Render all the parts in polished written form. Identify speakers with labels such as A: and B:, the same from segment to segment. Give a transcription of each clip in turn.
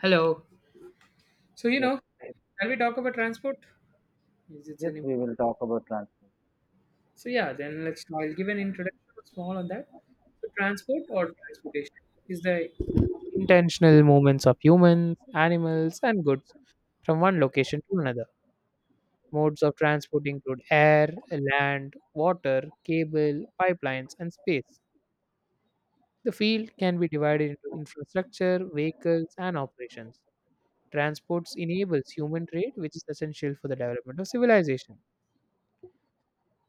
A: Hello. So you
B: Yes,
A: know,
B: yes,
A: can we talk about transport? Is it
B: yes,
A: any?
B: we will talk about transport.
A: So yeah, then let's. I'll give an introduction small on that. So transport or transportation is the intentional movements of humans, animals, and goods from one location to another. Modes of transport include air, land, water, cable, pipelines, and space. The field can be divided into infrastructure, vehicles, and operations. Transports enables human trade, which is essential for the development of civilization.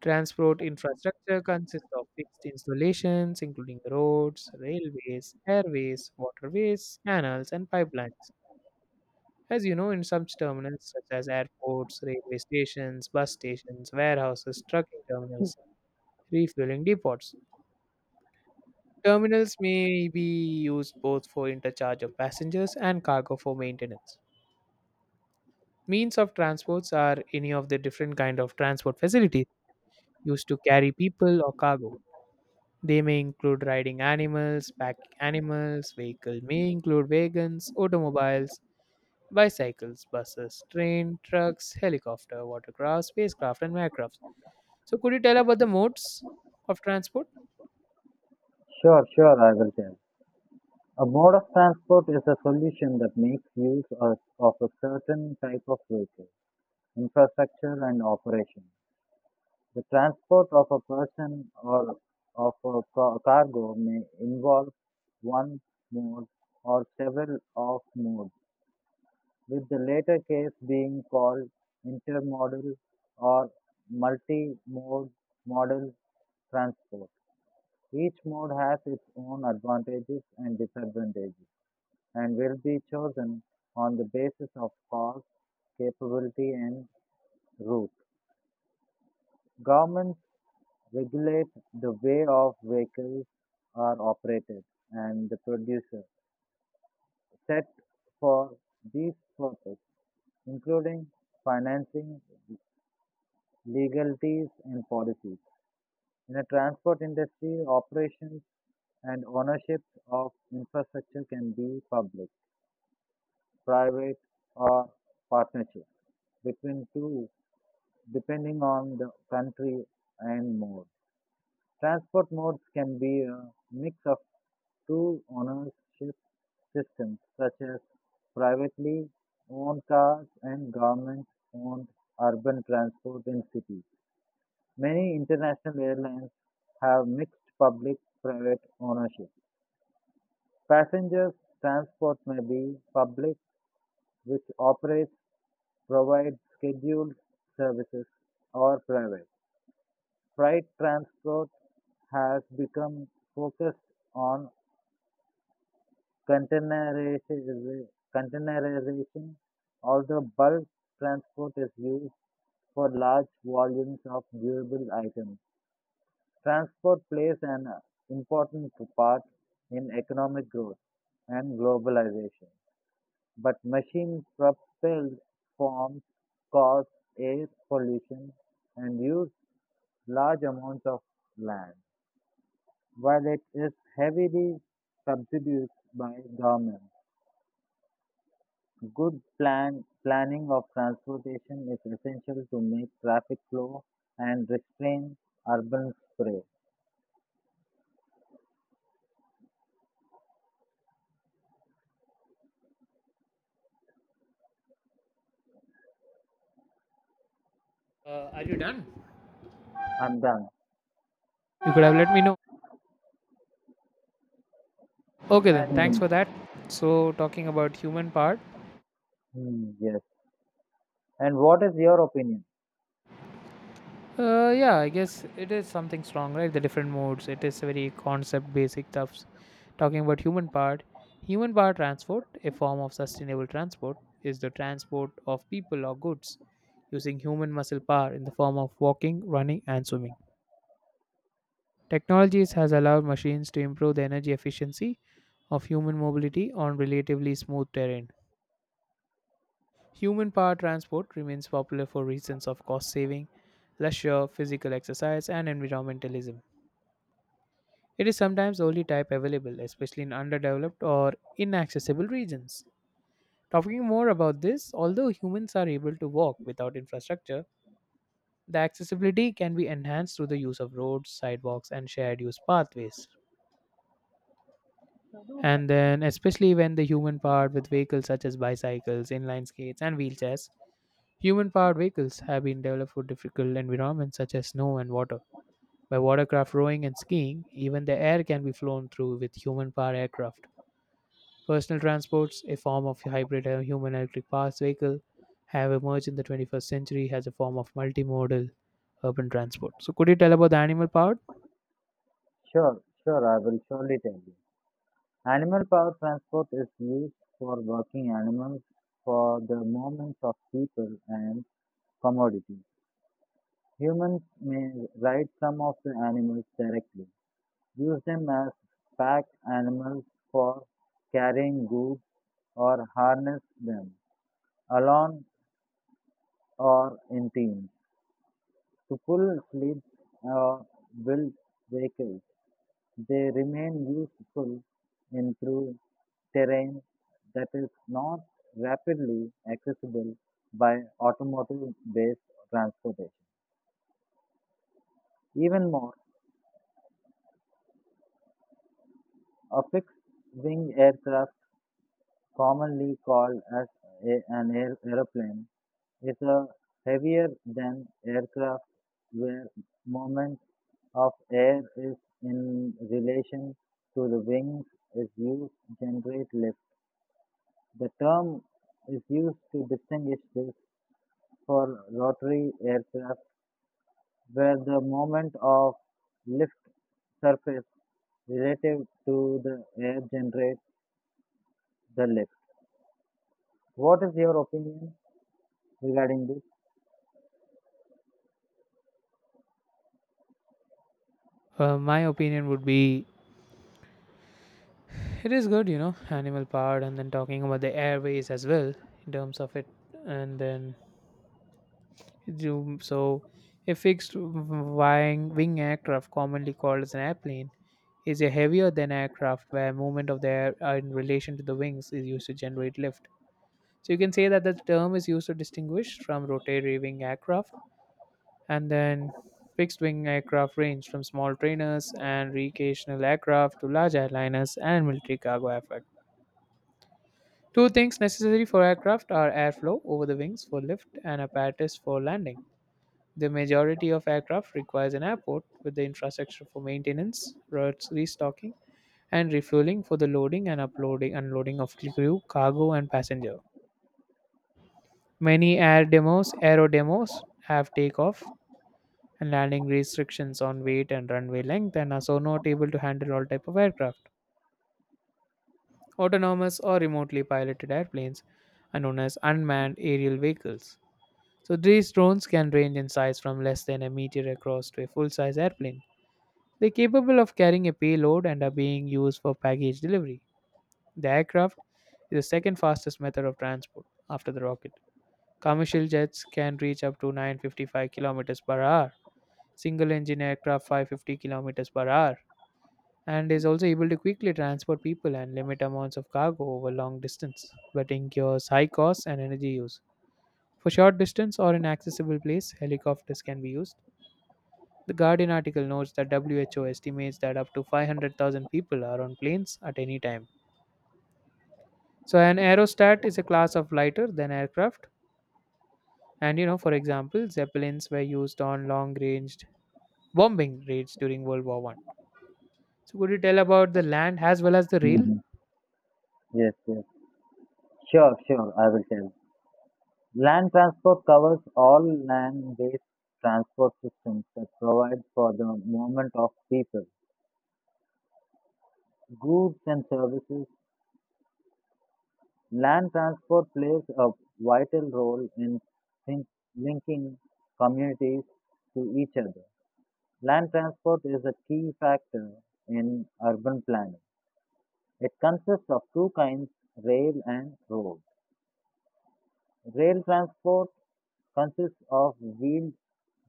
A: Transport infrastructure consists of fixed installations, including roads, railways, airways, waterways, canals, and pipelines. As you know, in some terminals, such as airports, railway stations, bus stations, warehouses, trucking terminals, refueling depots, terminals may be used both for interchange of passengers and cargo for maintenance. Means of transports are any of the different kind of transport facilities used to carry people or cargo. They may include riding animals, pack animals, vehicle may include wagons, automobiles, bicycles, buses, train, trucks, helicopter, watercraft, spacecraft, and aircraft. So, could you tell about the modes of transport?
B: Sure, sure, I will tell. A mode of transport is a solution that makes use of a certain type of vehicle, infrastructure, and operation. The transport of a person or of a cargo may involve one mode or several of modes, with the latter case being called intermodal or multi-mode modal transport. Each mode has its own advantages and disadvantages, and will be chosen on the basis of cost, capability, and route. Governments regulate the way of vehicles are operated and the producer set for these purposes, including financing, legalities, and policies. In the transport industry, operations and ownership of infrastructure can be public private or partnership between two depending on the country and mode. Transport modes can be a mix of two ownership systems such as privately owned cars and government owned urban transport in cities. Many international airlines have mixed public private ownership. Passengers transport may be public which operates provide scheduled services or private. Freight transport has become focused on containerization, containerization, although bulk transport is used for large volumes of durable items. Transport plays an important part in economic growth and globalization. But machine-propelled forms cause air pollution and use large amounts of land. While it is heavily subsidized by government. good plan planning of transportation is essential to make traffic flow and restrain urban spray.
A: Are you done?
B: I'm done.
A: You could have let me know. Okay, then. Thanks
B: And
A: for that. So, talking about human part.
B: mm, yes. And what is your opinion?
A: Yeah, I guess it is something strong, right? The different modes. It is very concept basic stuffs. Talking about human part, human power transport, a form of sustainable transport, is the transport of people or goods using human muscle power in the form of walking, running, and swimming. Technologies has allowed machines to improve the energy efficiency of human mobility on relatively smooth terrain. Human power transport remains popular for reasons of cost saving, leisure, physical exercise, and environmentalism. It is sometimes the only type available, especially in underdeveloped or inaccessible regions. Talking more about this, although humans are able to walk without infrastructure, the accessibility can be enhanced through the use of roads, sidewalks, and shared use pathways. And then, especially when the human powered with vehicles such as bicycles, inline skates, and wheelchairs, human powered vehicles have been developed for difficult environments such as snow and water. By watercraft rowing and skiing, even the air can be flown through with human powered aircraft. Personal transports, a form of hybrid human electric powered vehicle, have emerged in the 21st century as a form of multimodal urban transport. So, could you tell about the animal powered?
B: Sure, sure. I will surely tell you. Animal power transport is used for working animals for the movement of people and commodities. Humans may ride some of the animals directly, use them as pack animals for carrying goods, or harness them alone or in teams to pull sleds or build vehicles. They remain useful in through terrain that is not rapidly accessible by automotive-based transportation. Even more, a fixed-wing aircraft, commonly called as an aeroplane, is a heavier than aircraft where moment of air is in relation to the wings is used to generate lift. The term is used to distinguish this for rotary aircraft where the moment of lift surface relative to the air generates the lift. What is your opinion regarding this?
A: My opinion would be it is good, you know, animal powered, and then talking about the airways as well in terms of it, and then so a fixed wing aircraft, commonly called as an airplane, is a heavier than aircraft where movement of the air in relation to the wings is used to generate lift. So you can say that the term is used to distinguish from rotary wing aircraft, and then fixed wing aircraft range from small trainers and recreational aircraft to large airliners and military cargo aircraft. Two things necessary for aircraft are airflow over the wings for lift and apparatus for landing. The majority of aircraft requires an airport with the infrastructure for maintenance, routes restocking, and refueling for the loading and uploading unloading of crew, cargo and passenger. Many aero demos have takeoff and landing restrictions on weight and runway length and are so not able to handle all type of aircraft. Autonomous or remotely piloted airplanes are known as unmanned aerial vehicles. So these drones can range in size from less than a meter across to a full-size airplane. They're capable of carrying a payload and are being used for package delivery. The aircraft is the second fastest method of transport after the rocket. Commercial jets can reach up to 955 kilometers per hour, single engine aircraft 550 kilometers per hour, and is also able to quickly transport people and limit amounts of cargo over long distance, but incurs high costs and energy use. For short distance or in accessible place, helicopters can be used. The Guardian article notes that WHO estimates that up to 500,000 people are on planes at any time. So an aerostat is a class of lighter than aircraft, and, for example, zeppelins were used on long-range bombing raids during World War I. So could you tell about the land as well as the rail?
B: Mhm. Yes, yes. Sure, sure, I will tell. Land transport covers all land based transport systems that provide for the movement of people, goods, and services. Land transport plays a vital role in think- linking communities to each other. Land transport is a key factor in urban planning. It consists of two kinds, rail and road. Rail transport consists of wheeled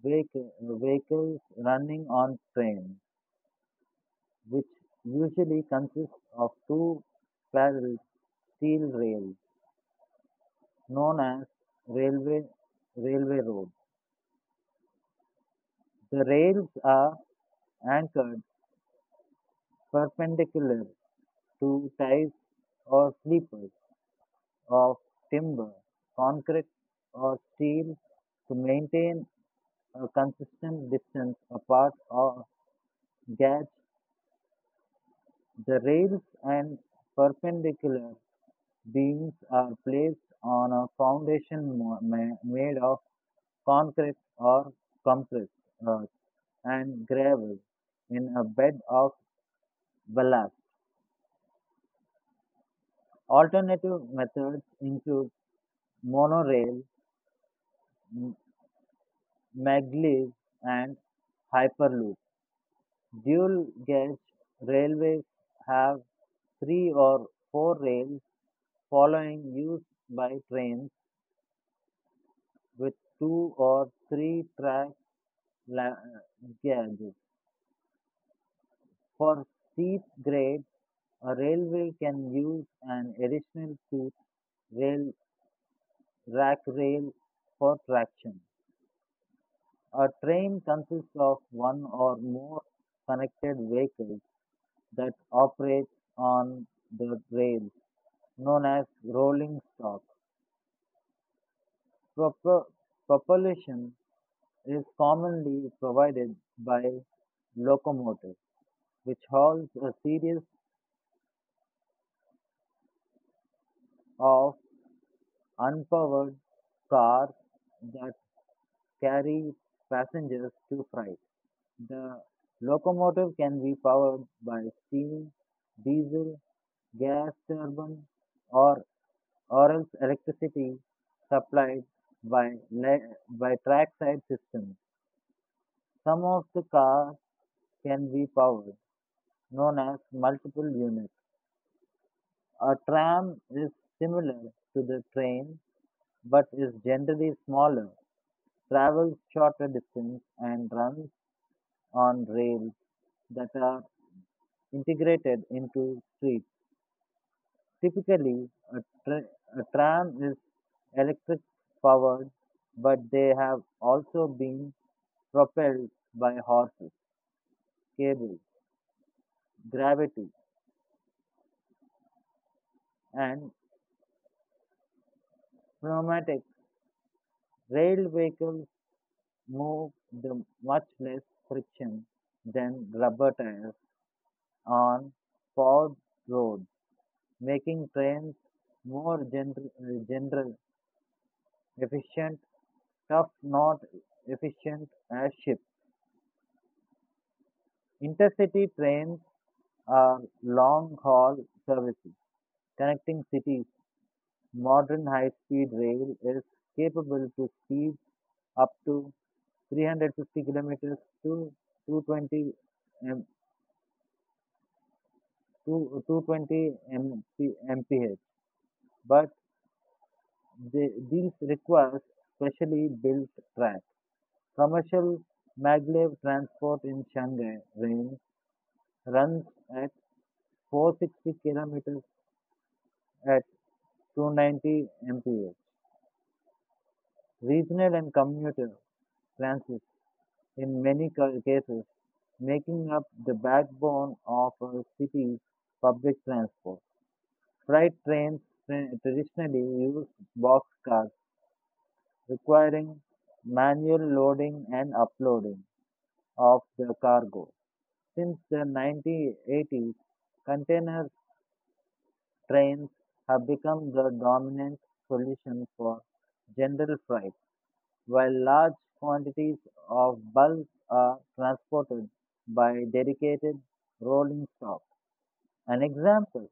B: vehicle- vehicles running on trains, which usually consists of two parallel steel rails known as railway railway road. The rails are anchored perpendicular to ties or sleepers of timber, concrete, or steel to maintain a consistent distance apart or gauge. The rails and perpendicular beams are placed on a foundation made of concrete or compressed earth and gravel in a bed of ballast. Alternative methods include monorail, m- maglev, and hyperloop. Dual gauge railways have three or four rails following used by trains with two or three track la- gauges. For steep grades, a railway can use an additional tooth rail rack rail for traction. A train consists of one or more connected vehicles that operate on the rails, known as rolling stock. Propo- Propulsion is commonly provided by locomotives, which hauls a series of unpowered cars that carry passengers to freight. The locomotive can be powered by steam, diesel, gas turbine, or or else electricity supplied by trackside systems. Some of the cars can be powered, known as multiple units. A tram is similar to the train but is generally smaller, travels shorter distance, and runs on rails that are integrated into streets. Typically, tra- a tram is electric powered, but they have also been propelled by horses, cables, gravity, and pneumatics. Rail vehicles move the much less friction than rubber tires on paved roads, making trains more general efficient, tough not efficient as ships. Intercity trains are long-haul services connecting cities. Modern high-speed rail is capable to speed up to 350 kilometers to 220 m, to 220 MP, mph, but these requires specially built tracks. Commercial maglev transport in Shanghai range runs at 460 kilometers at 290 mph. Regional and commuter transit in many cases making up the backbone of a city's public transport. Freight trains traditionally use boxcars, requiring manual loading and uploading of the cargo. Since the 1980s, container trains have become the dominant solution for general freight. While large quantities of bulk are transported by dedicated rolling stock, an example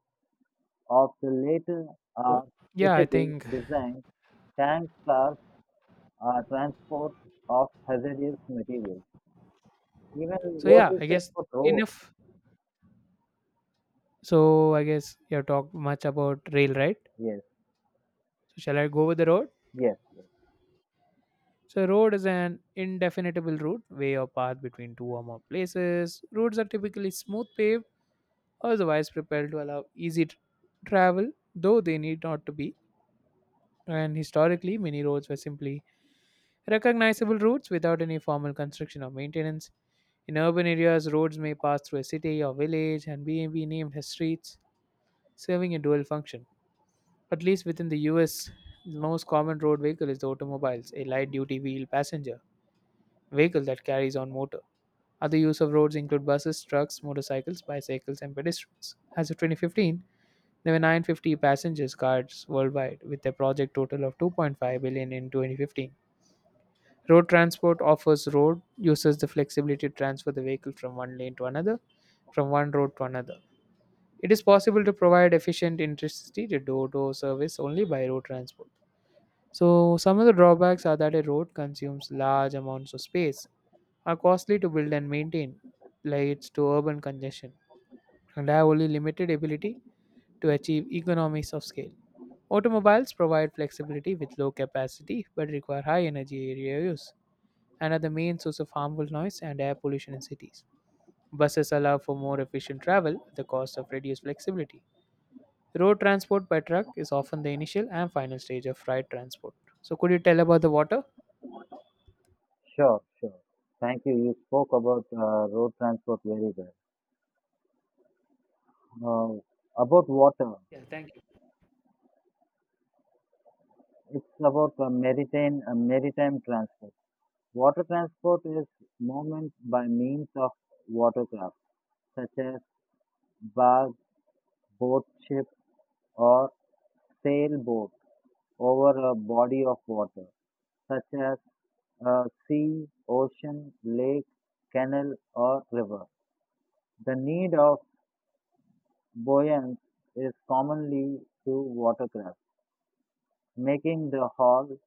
B: of the latter
A: Oh,
B: are
A: yeah, I
B: specially
A: think
B: designed tank cars are transport of hazardous materials. Even
A: so.
B: what
A: Yeah,
B: you
A: I
B: say
A: guess
B: about road?
A: enough. So I guess you have talked much about rail, right?
B: Yes,
A: So shall I go with the road?
B: yes, yes.
A: So road is an indefinable route, way or path between two or more places. Roads are typically smooth paved, or otherwise prepared to allow easy travel, though they need not to be. And historically, many roads were simply recognizable routes without any formal construction or maintenance. In urban areas, roads may pass through a city or village and be named as streets, serving a dual function. At least within the US, the most common road vehicle is the automobiles, a light duty wheel passenger vehicle that carries on motor. Other use of roads include buses, trucks, motorcycles, bicycles, and pedestrians. As of 2015, there were 950 passengers cars worldwide, with a project total of 2.5 billion in 2015. Road transport offers road users the flexibility to transfer the vehicle from one lane to another, from one road to another. It is possible to provide efficient intercity to door-to-door service only by road transport. So some of the drawbacks are that a road consumes large amounts of space, are costly to build and maintain, leads to urban congestion, and have only limited ability to achieve economies of scale. Automobiles provide flexibility with low capacity but require high energy area use another main source of harmful noise and air pollution in cities. Buses allow for more efficient travel at the cost of reduced flexibility. Road transport by truck is often the initial and final stage of freight transport. So, could you tell about the water?
B: Sure, sure. Thank you. You spoke about road transport very well. About water,
A: Yeah, thank you.
B: it's about maritime transport. Water transport is movement by means of watercraft, such as barge, boat, ship, or sailboat, over a body of water, such as a sea, ocean, lake, canal, or river. The need of buoyance is commonly to watercraft, making the hull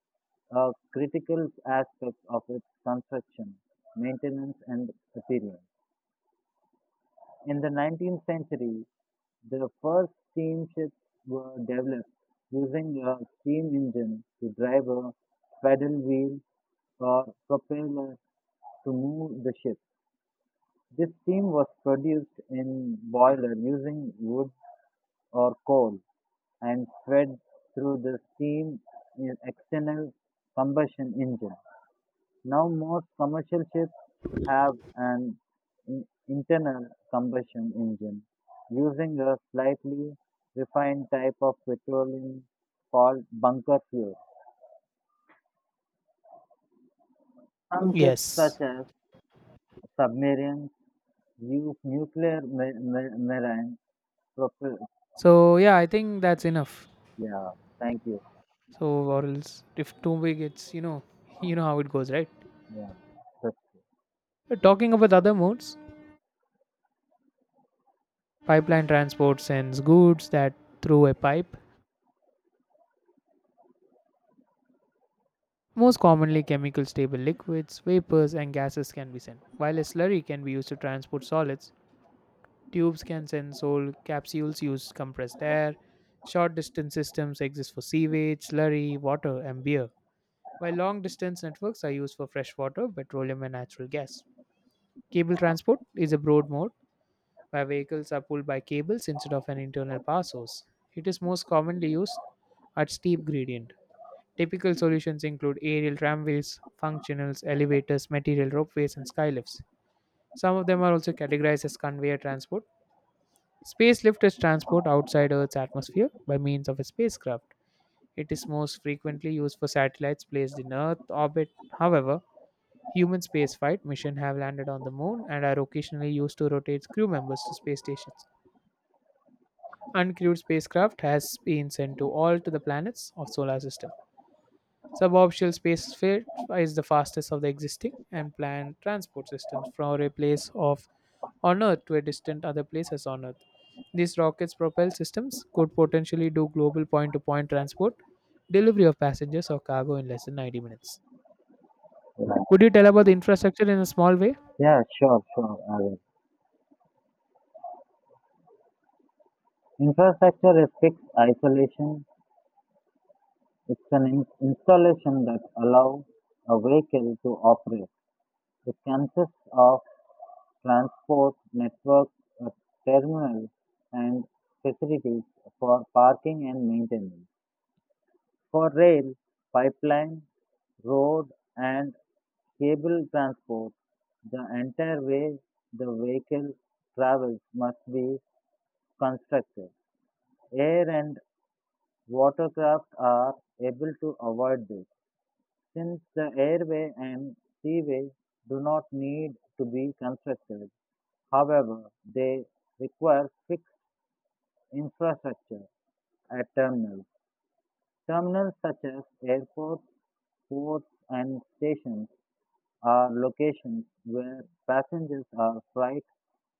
B: a critical aspect of its construction, maintenance, and appearance. In the 19th century, the first steamships were developed using a steam engine to drive a paddle wheel or propeller to move the ship. This steam was produced in boiler using wood or coal and fed through the steam in external combustion engine. Now most commercial ships have an internal combustion engine using a slightly refined type of petroleum called bunker fuel. Some ships,
A: Yes.
B: such as submarines, use nuclear marine propulsion.
A: So, yeah, I think that's enough.
B: Yeah, thank you.
A: So, or else if too big, it's you know how it goes, right?
B: Yeah, that's
A: But talking about other modes, pipeline transport sends goods that through a pipe. Most commonly, chemical stable liquids, vapors, and gases can be sent, while a slurry can be used to transport solids. Tubes can send sold capsules use compressed air. Short distance systems exist for sewage, slurry, water, and beer, while long distance networks are used for fresh water, petroleum, and natural gas. Cable transport is a broad mode where vehicles are pulled by cables instead of an internal power source. It is most commonly used at steep gradient. Typical solutions include aerial tramways, functionals, elevators, material ropeways, and skylifts. Some of them are also categorized as conveyor transport. Space lift is transport outside Earth's atmosphere by means of a spacecraft. It is most frequently used for satellites placed in Earth orbit. However, human spaceflight missions have landed on the moon and are occasionally used to rotate crew members to space stations. Uncrewed spacecraft has been sent to all to the planets of solar system. Suborbital spaceflight is the fastest of the existing and planned transport systems from a place of on Earth to a distant other places on Earth. These rockets propelled systems could potentially do global point to point transport, delivery of passengers or cargo in less than 90 minutes.
B: good. Yeah,
A: Could you tell about the infrastructure in a small way?
B: yeah, sure, sure. I will. Infrastructure is fixed isolation. It's an installation that allows a vehicle to operate. It consists of transport network, a terminal, and facilities for parking and maintenance. For rail, pipeline, road, and cable transport, the entire way the vehicle travels must be constructed. Air and watercraft are able to avoid this, since the airway and seaway do not need to be constructed, however, they require fixed infrastructure at terminals. Terminals such as airports, ports, and stations are locations where passengers or freight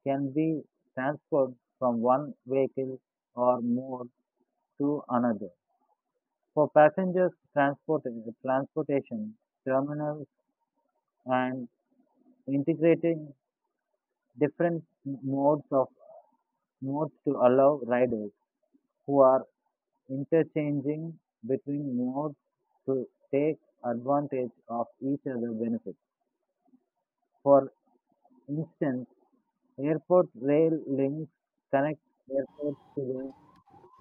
B: can be transferred from one vehicle or mode to another. For passengers transportation, terminals and integrating different modes to allow riders who are interchanging between modes to take advantage of each other's benefits. For instance, airport rail links connect airports to the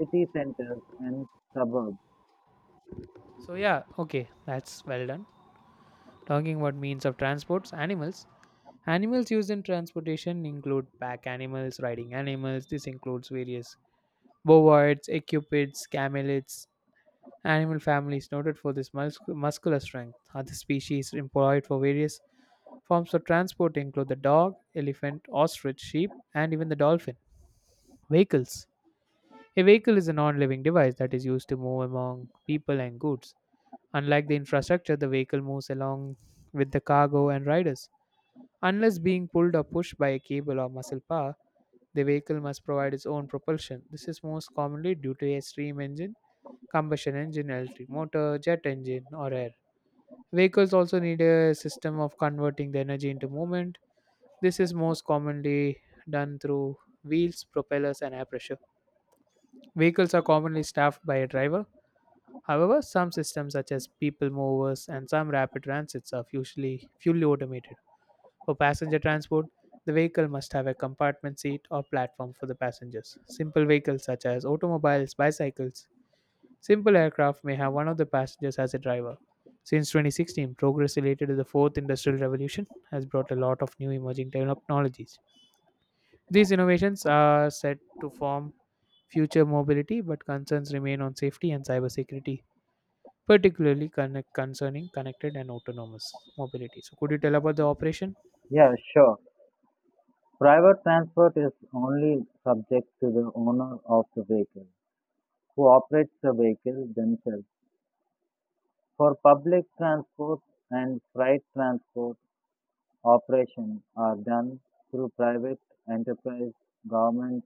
B: city centers and suburbs.
A: So, yeah, okay, that's well done. Talking about means of transports, animals. Animals used in transportation include pack animals, riding animals. This includes various bovids, acupids, camelids, animal families noted for this muscular strength. Other species employed for various forms of transport include the dog, elephant, ostrich, sheep, and even the dolphin. Vehicles. A vehicle is a non living device that is used to move among people and goods. Unlike the infrastructure, the vehicle moves along with the cargo and riders. Unless being pulled or pushed by a cable or muscle power, the vehicle must provide its own propulsion. This is most commonly due to a steam engine combustion engine, electric motor, jet engine, or air. Vehicles also need a system of converting the energy into movement. This is most commonly done through wheels, propellers, and air pressure. Vehicles are commonly staffed by a driver. However, some systems such as people movers and some rapid transits are usually fully automated. For passenger transport, the vehicle must have a compartment seat or platform for the passengers. Simple vehicles such as automobiles, bicycles, simple aircraft may have one of the passengers as a driver. Since 2016, progress related to the fourth industrial revolution has brought a lot of new emerging technologies. These innovations are set to form future mobility, but concerns remain on safety and cybersecurity, particularly concerning connected and autonomous mobility. So, could you tell about the operation?
B: Yeah, sure. Private transport is only subject to the owner of the vehicle, who operates the vehicle themselves. For public transport and freight transport, operations are done through private enterprise, government,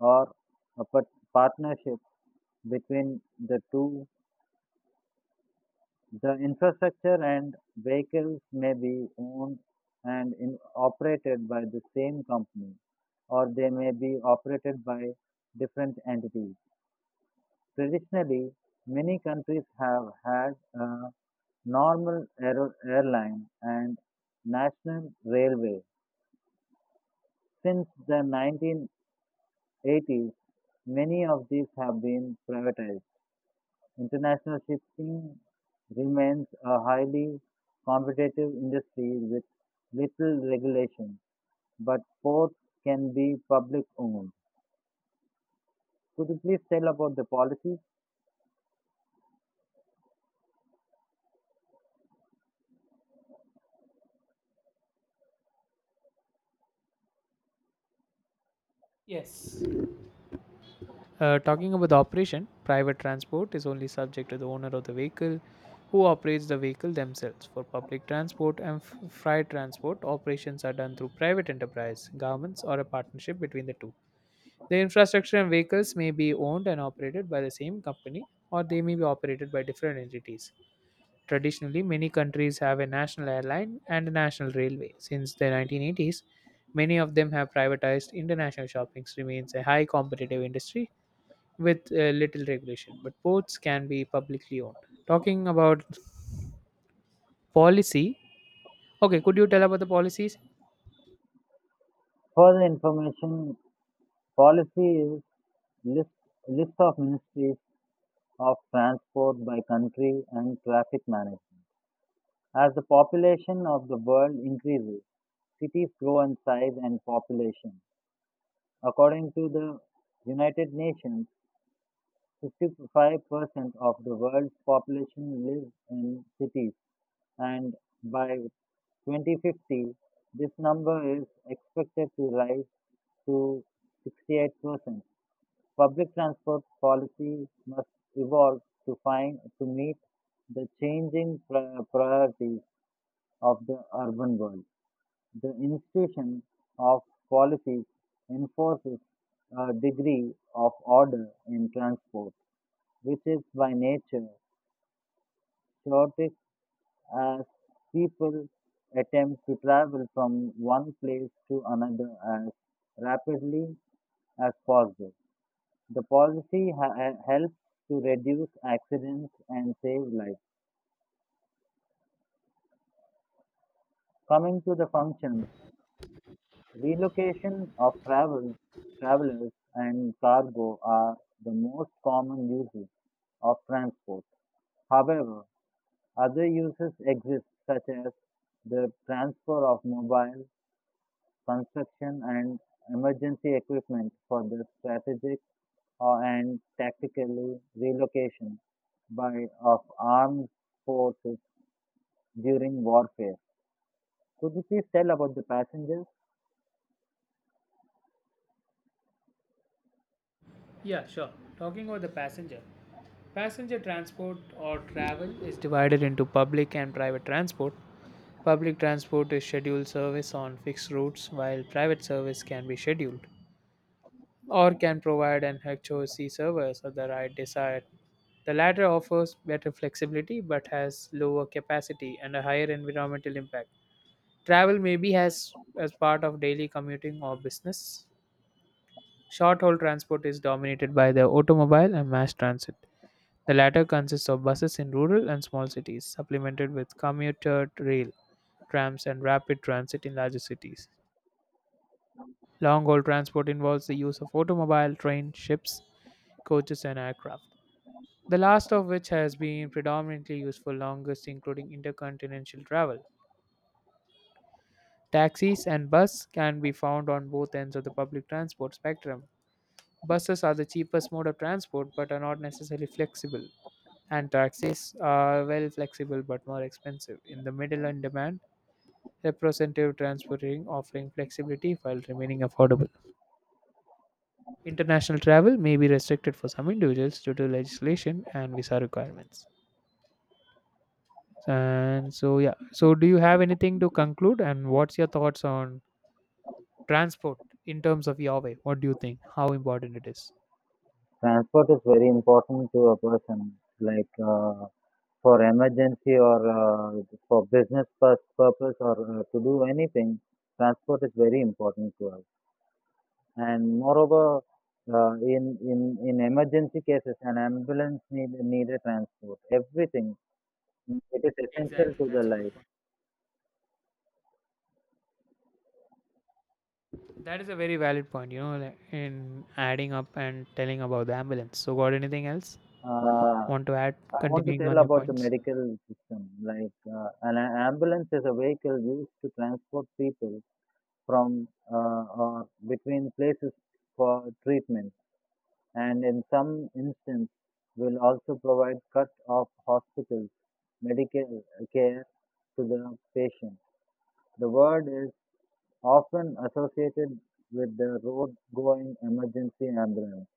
B: or a partnership between the two. The infrastructure and vehicles may be owned and operated by the same company, or they may be operated by different entities. Traditionally, many countries have had a normal airline and national railway. Since the 1980s, many of these have been privatized. International shipping remains a highly competitive industry with little regulation, but ports can be public owned. Could you please tell about the policy?
A: Yes. Talking about the operation, private transport is only subject to the owner of the vehicle who operates the vehicle themselves. For public transport and freight transport, operations are done through private enterprise, governments, or a partnership between the two. The infrastructure and vehicles may be owned and operated by the same company or they may be operated by different entities. Traditionally, many countries have a national airline and a national railway. Since the 1980s, many of them have privatized international shopping remains a high competitive industry with little regulation, but ports can be publicly owned. Talking about policy, okay, could you tell about the policies?
B: Further information policy is list, list of ministries of transport by country and traffic management. As the population of the world increases, cities grow in size and population. According to the United Nations, 55% of the world's population lives in cities, and by 2050, this number is expected to rise to 68%. Public transport policy must evolve to meet the changing priorities of the urban world. The institution of policies enforces a degree of order in transport, which is by nature chaotic as people attempt to travel from one place to another as rapidly as possible. The policy helps to reduce accidents and save lives. Coming to the functions. Relocation of travelers and cargo are the most common uses of transport. However, other uses exist such as the transfer of mobile, construction and emergency equipment for the strategic or and tactically relocation by of armed forces during warfare. Could you please tell about the passengers?
A: Yeah, sure. Talking about the passenger. Passenger transport or travel is divided into public and private transport. Public transport is scheduled service on fixed routes, while private service can be scheduled or can provide an HOC service of the right desired. The latter offers better flexibility but has lower capacity and a higher environmental impact. Travel maybe has as part of daily commuting or business. Short haul transport is dominated by the automobile and mass transit. The latter consists of buses in rural and small cities, supplemented with commuter rail, trams, and rapid transit in larger cities. Long haul transport involves the use of automobile, train, ships, coaches, and aircraft. The last of which has been predominantly used for longest, including intercontinental travel. Taxis and bus can be found on both ends of the public transport spectrum. Buses are the cheapest mode of transport but are not necessarily flexible, and taxis are well flexible but more expensive. In the middle and demand, representative transporting offering flexibility while remaining affordable. International travel may be restricted for some individuals due to legislation and visa requirements. And so yeah, so do you have anything to conclude and what's your thoughts on transport in terms of your way? What do you think? How important it is?
B: Transport is very important to a person, like for emergency or for business purpose or to do anything. Transport is very important to us, and moreover, in emergency cases, an ambulance need a transport. Everything it is essential
A: Exactly,
B: to the
A: that's a good
B: life.
A: point. That is a very valid point, like in adding up and telling about the ambulance. So, got anything else?
B: Uh,
A: Want to add,
B: I want to
A: continuing on
B: tell
A: your
B: about the
A: points?
B: medical system. Like an ambulance is a vehicle used to transport people from or between places for treatment, and in some instances will also provide cut off hospitals medical care to the patient. The word is often associated with the road going emergency ambulance,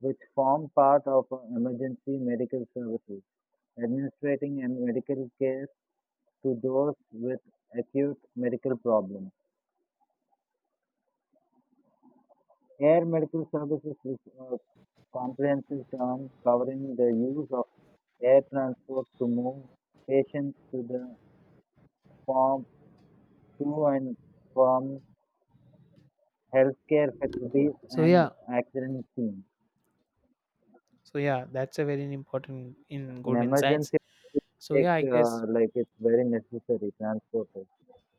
B: which form part of emergency medical services, administrating and medical care to those with acute medical problems. Air medical services is a comprehensive term covering the use of air transport to move patients from to and from healthcare facilities
A: So,
B: and
A: yeah,
B: accident scenes.
A: so yeah, that's a very important in
B: In
A: good insights.
B: emergency, it
A: So,
B: take
A: yeah, I guess,
B: like it's very necessary transport.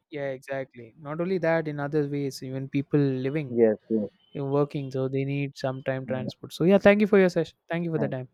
A: yeah, exactly. Not only that, in other ways, even people living,
B: Yes, yes.
A: working, so they need some time
B: Mm,
A: transport. So, yeah, thank you for your session. Thank you for the
B: thanks.
A: time.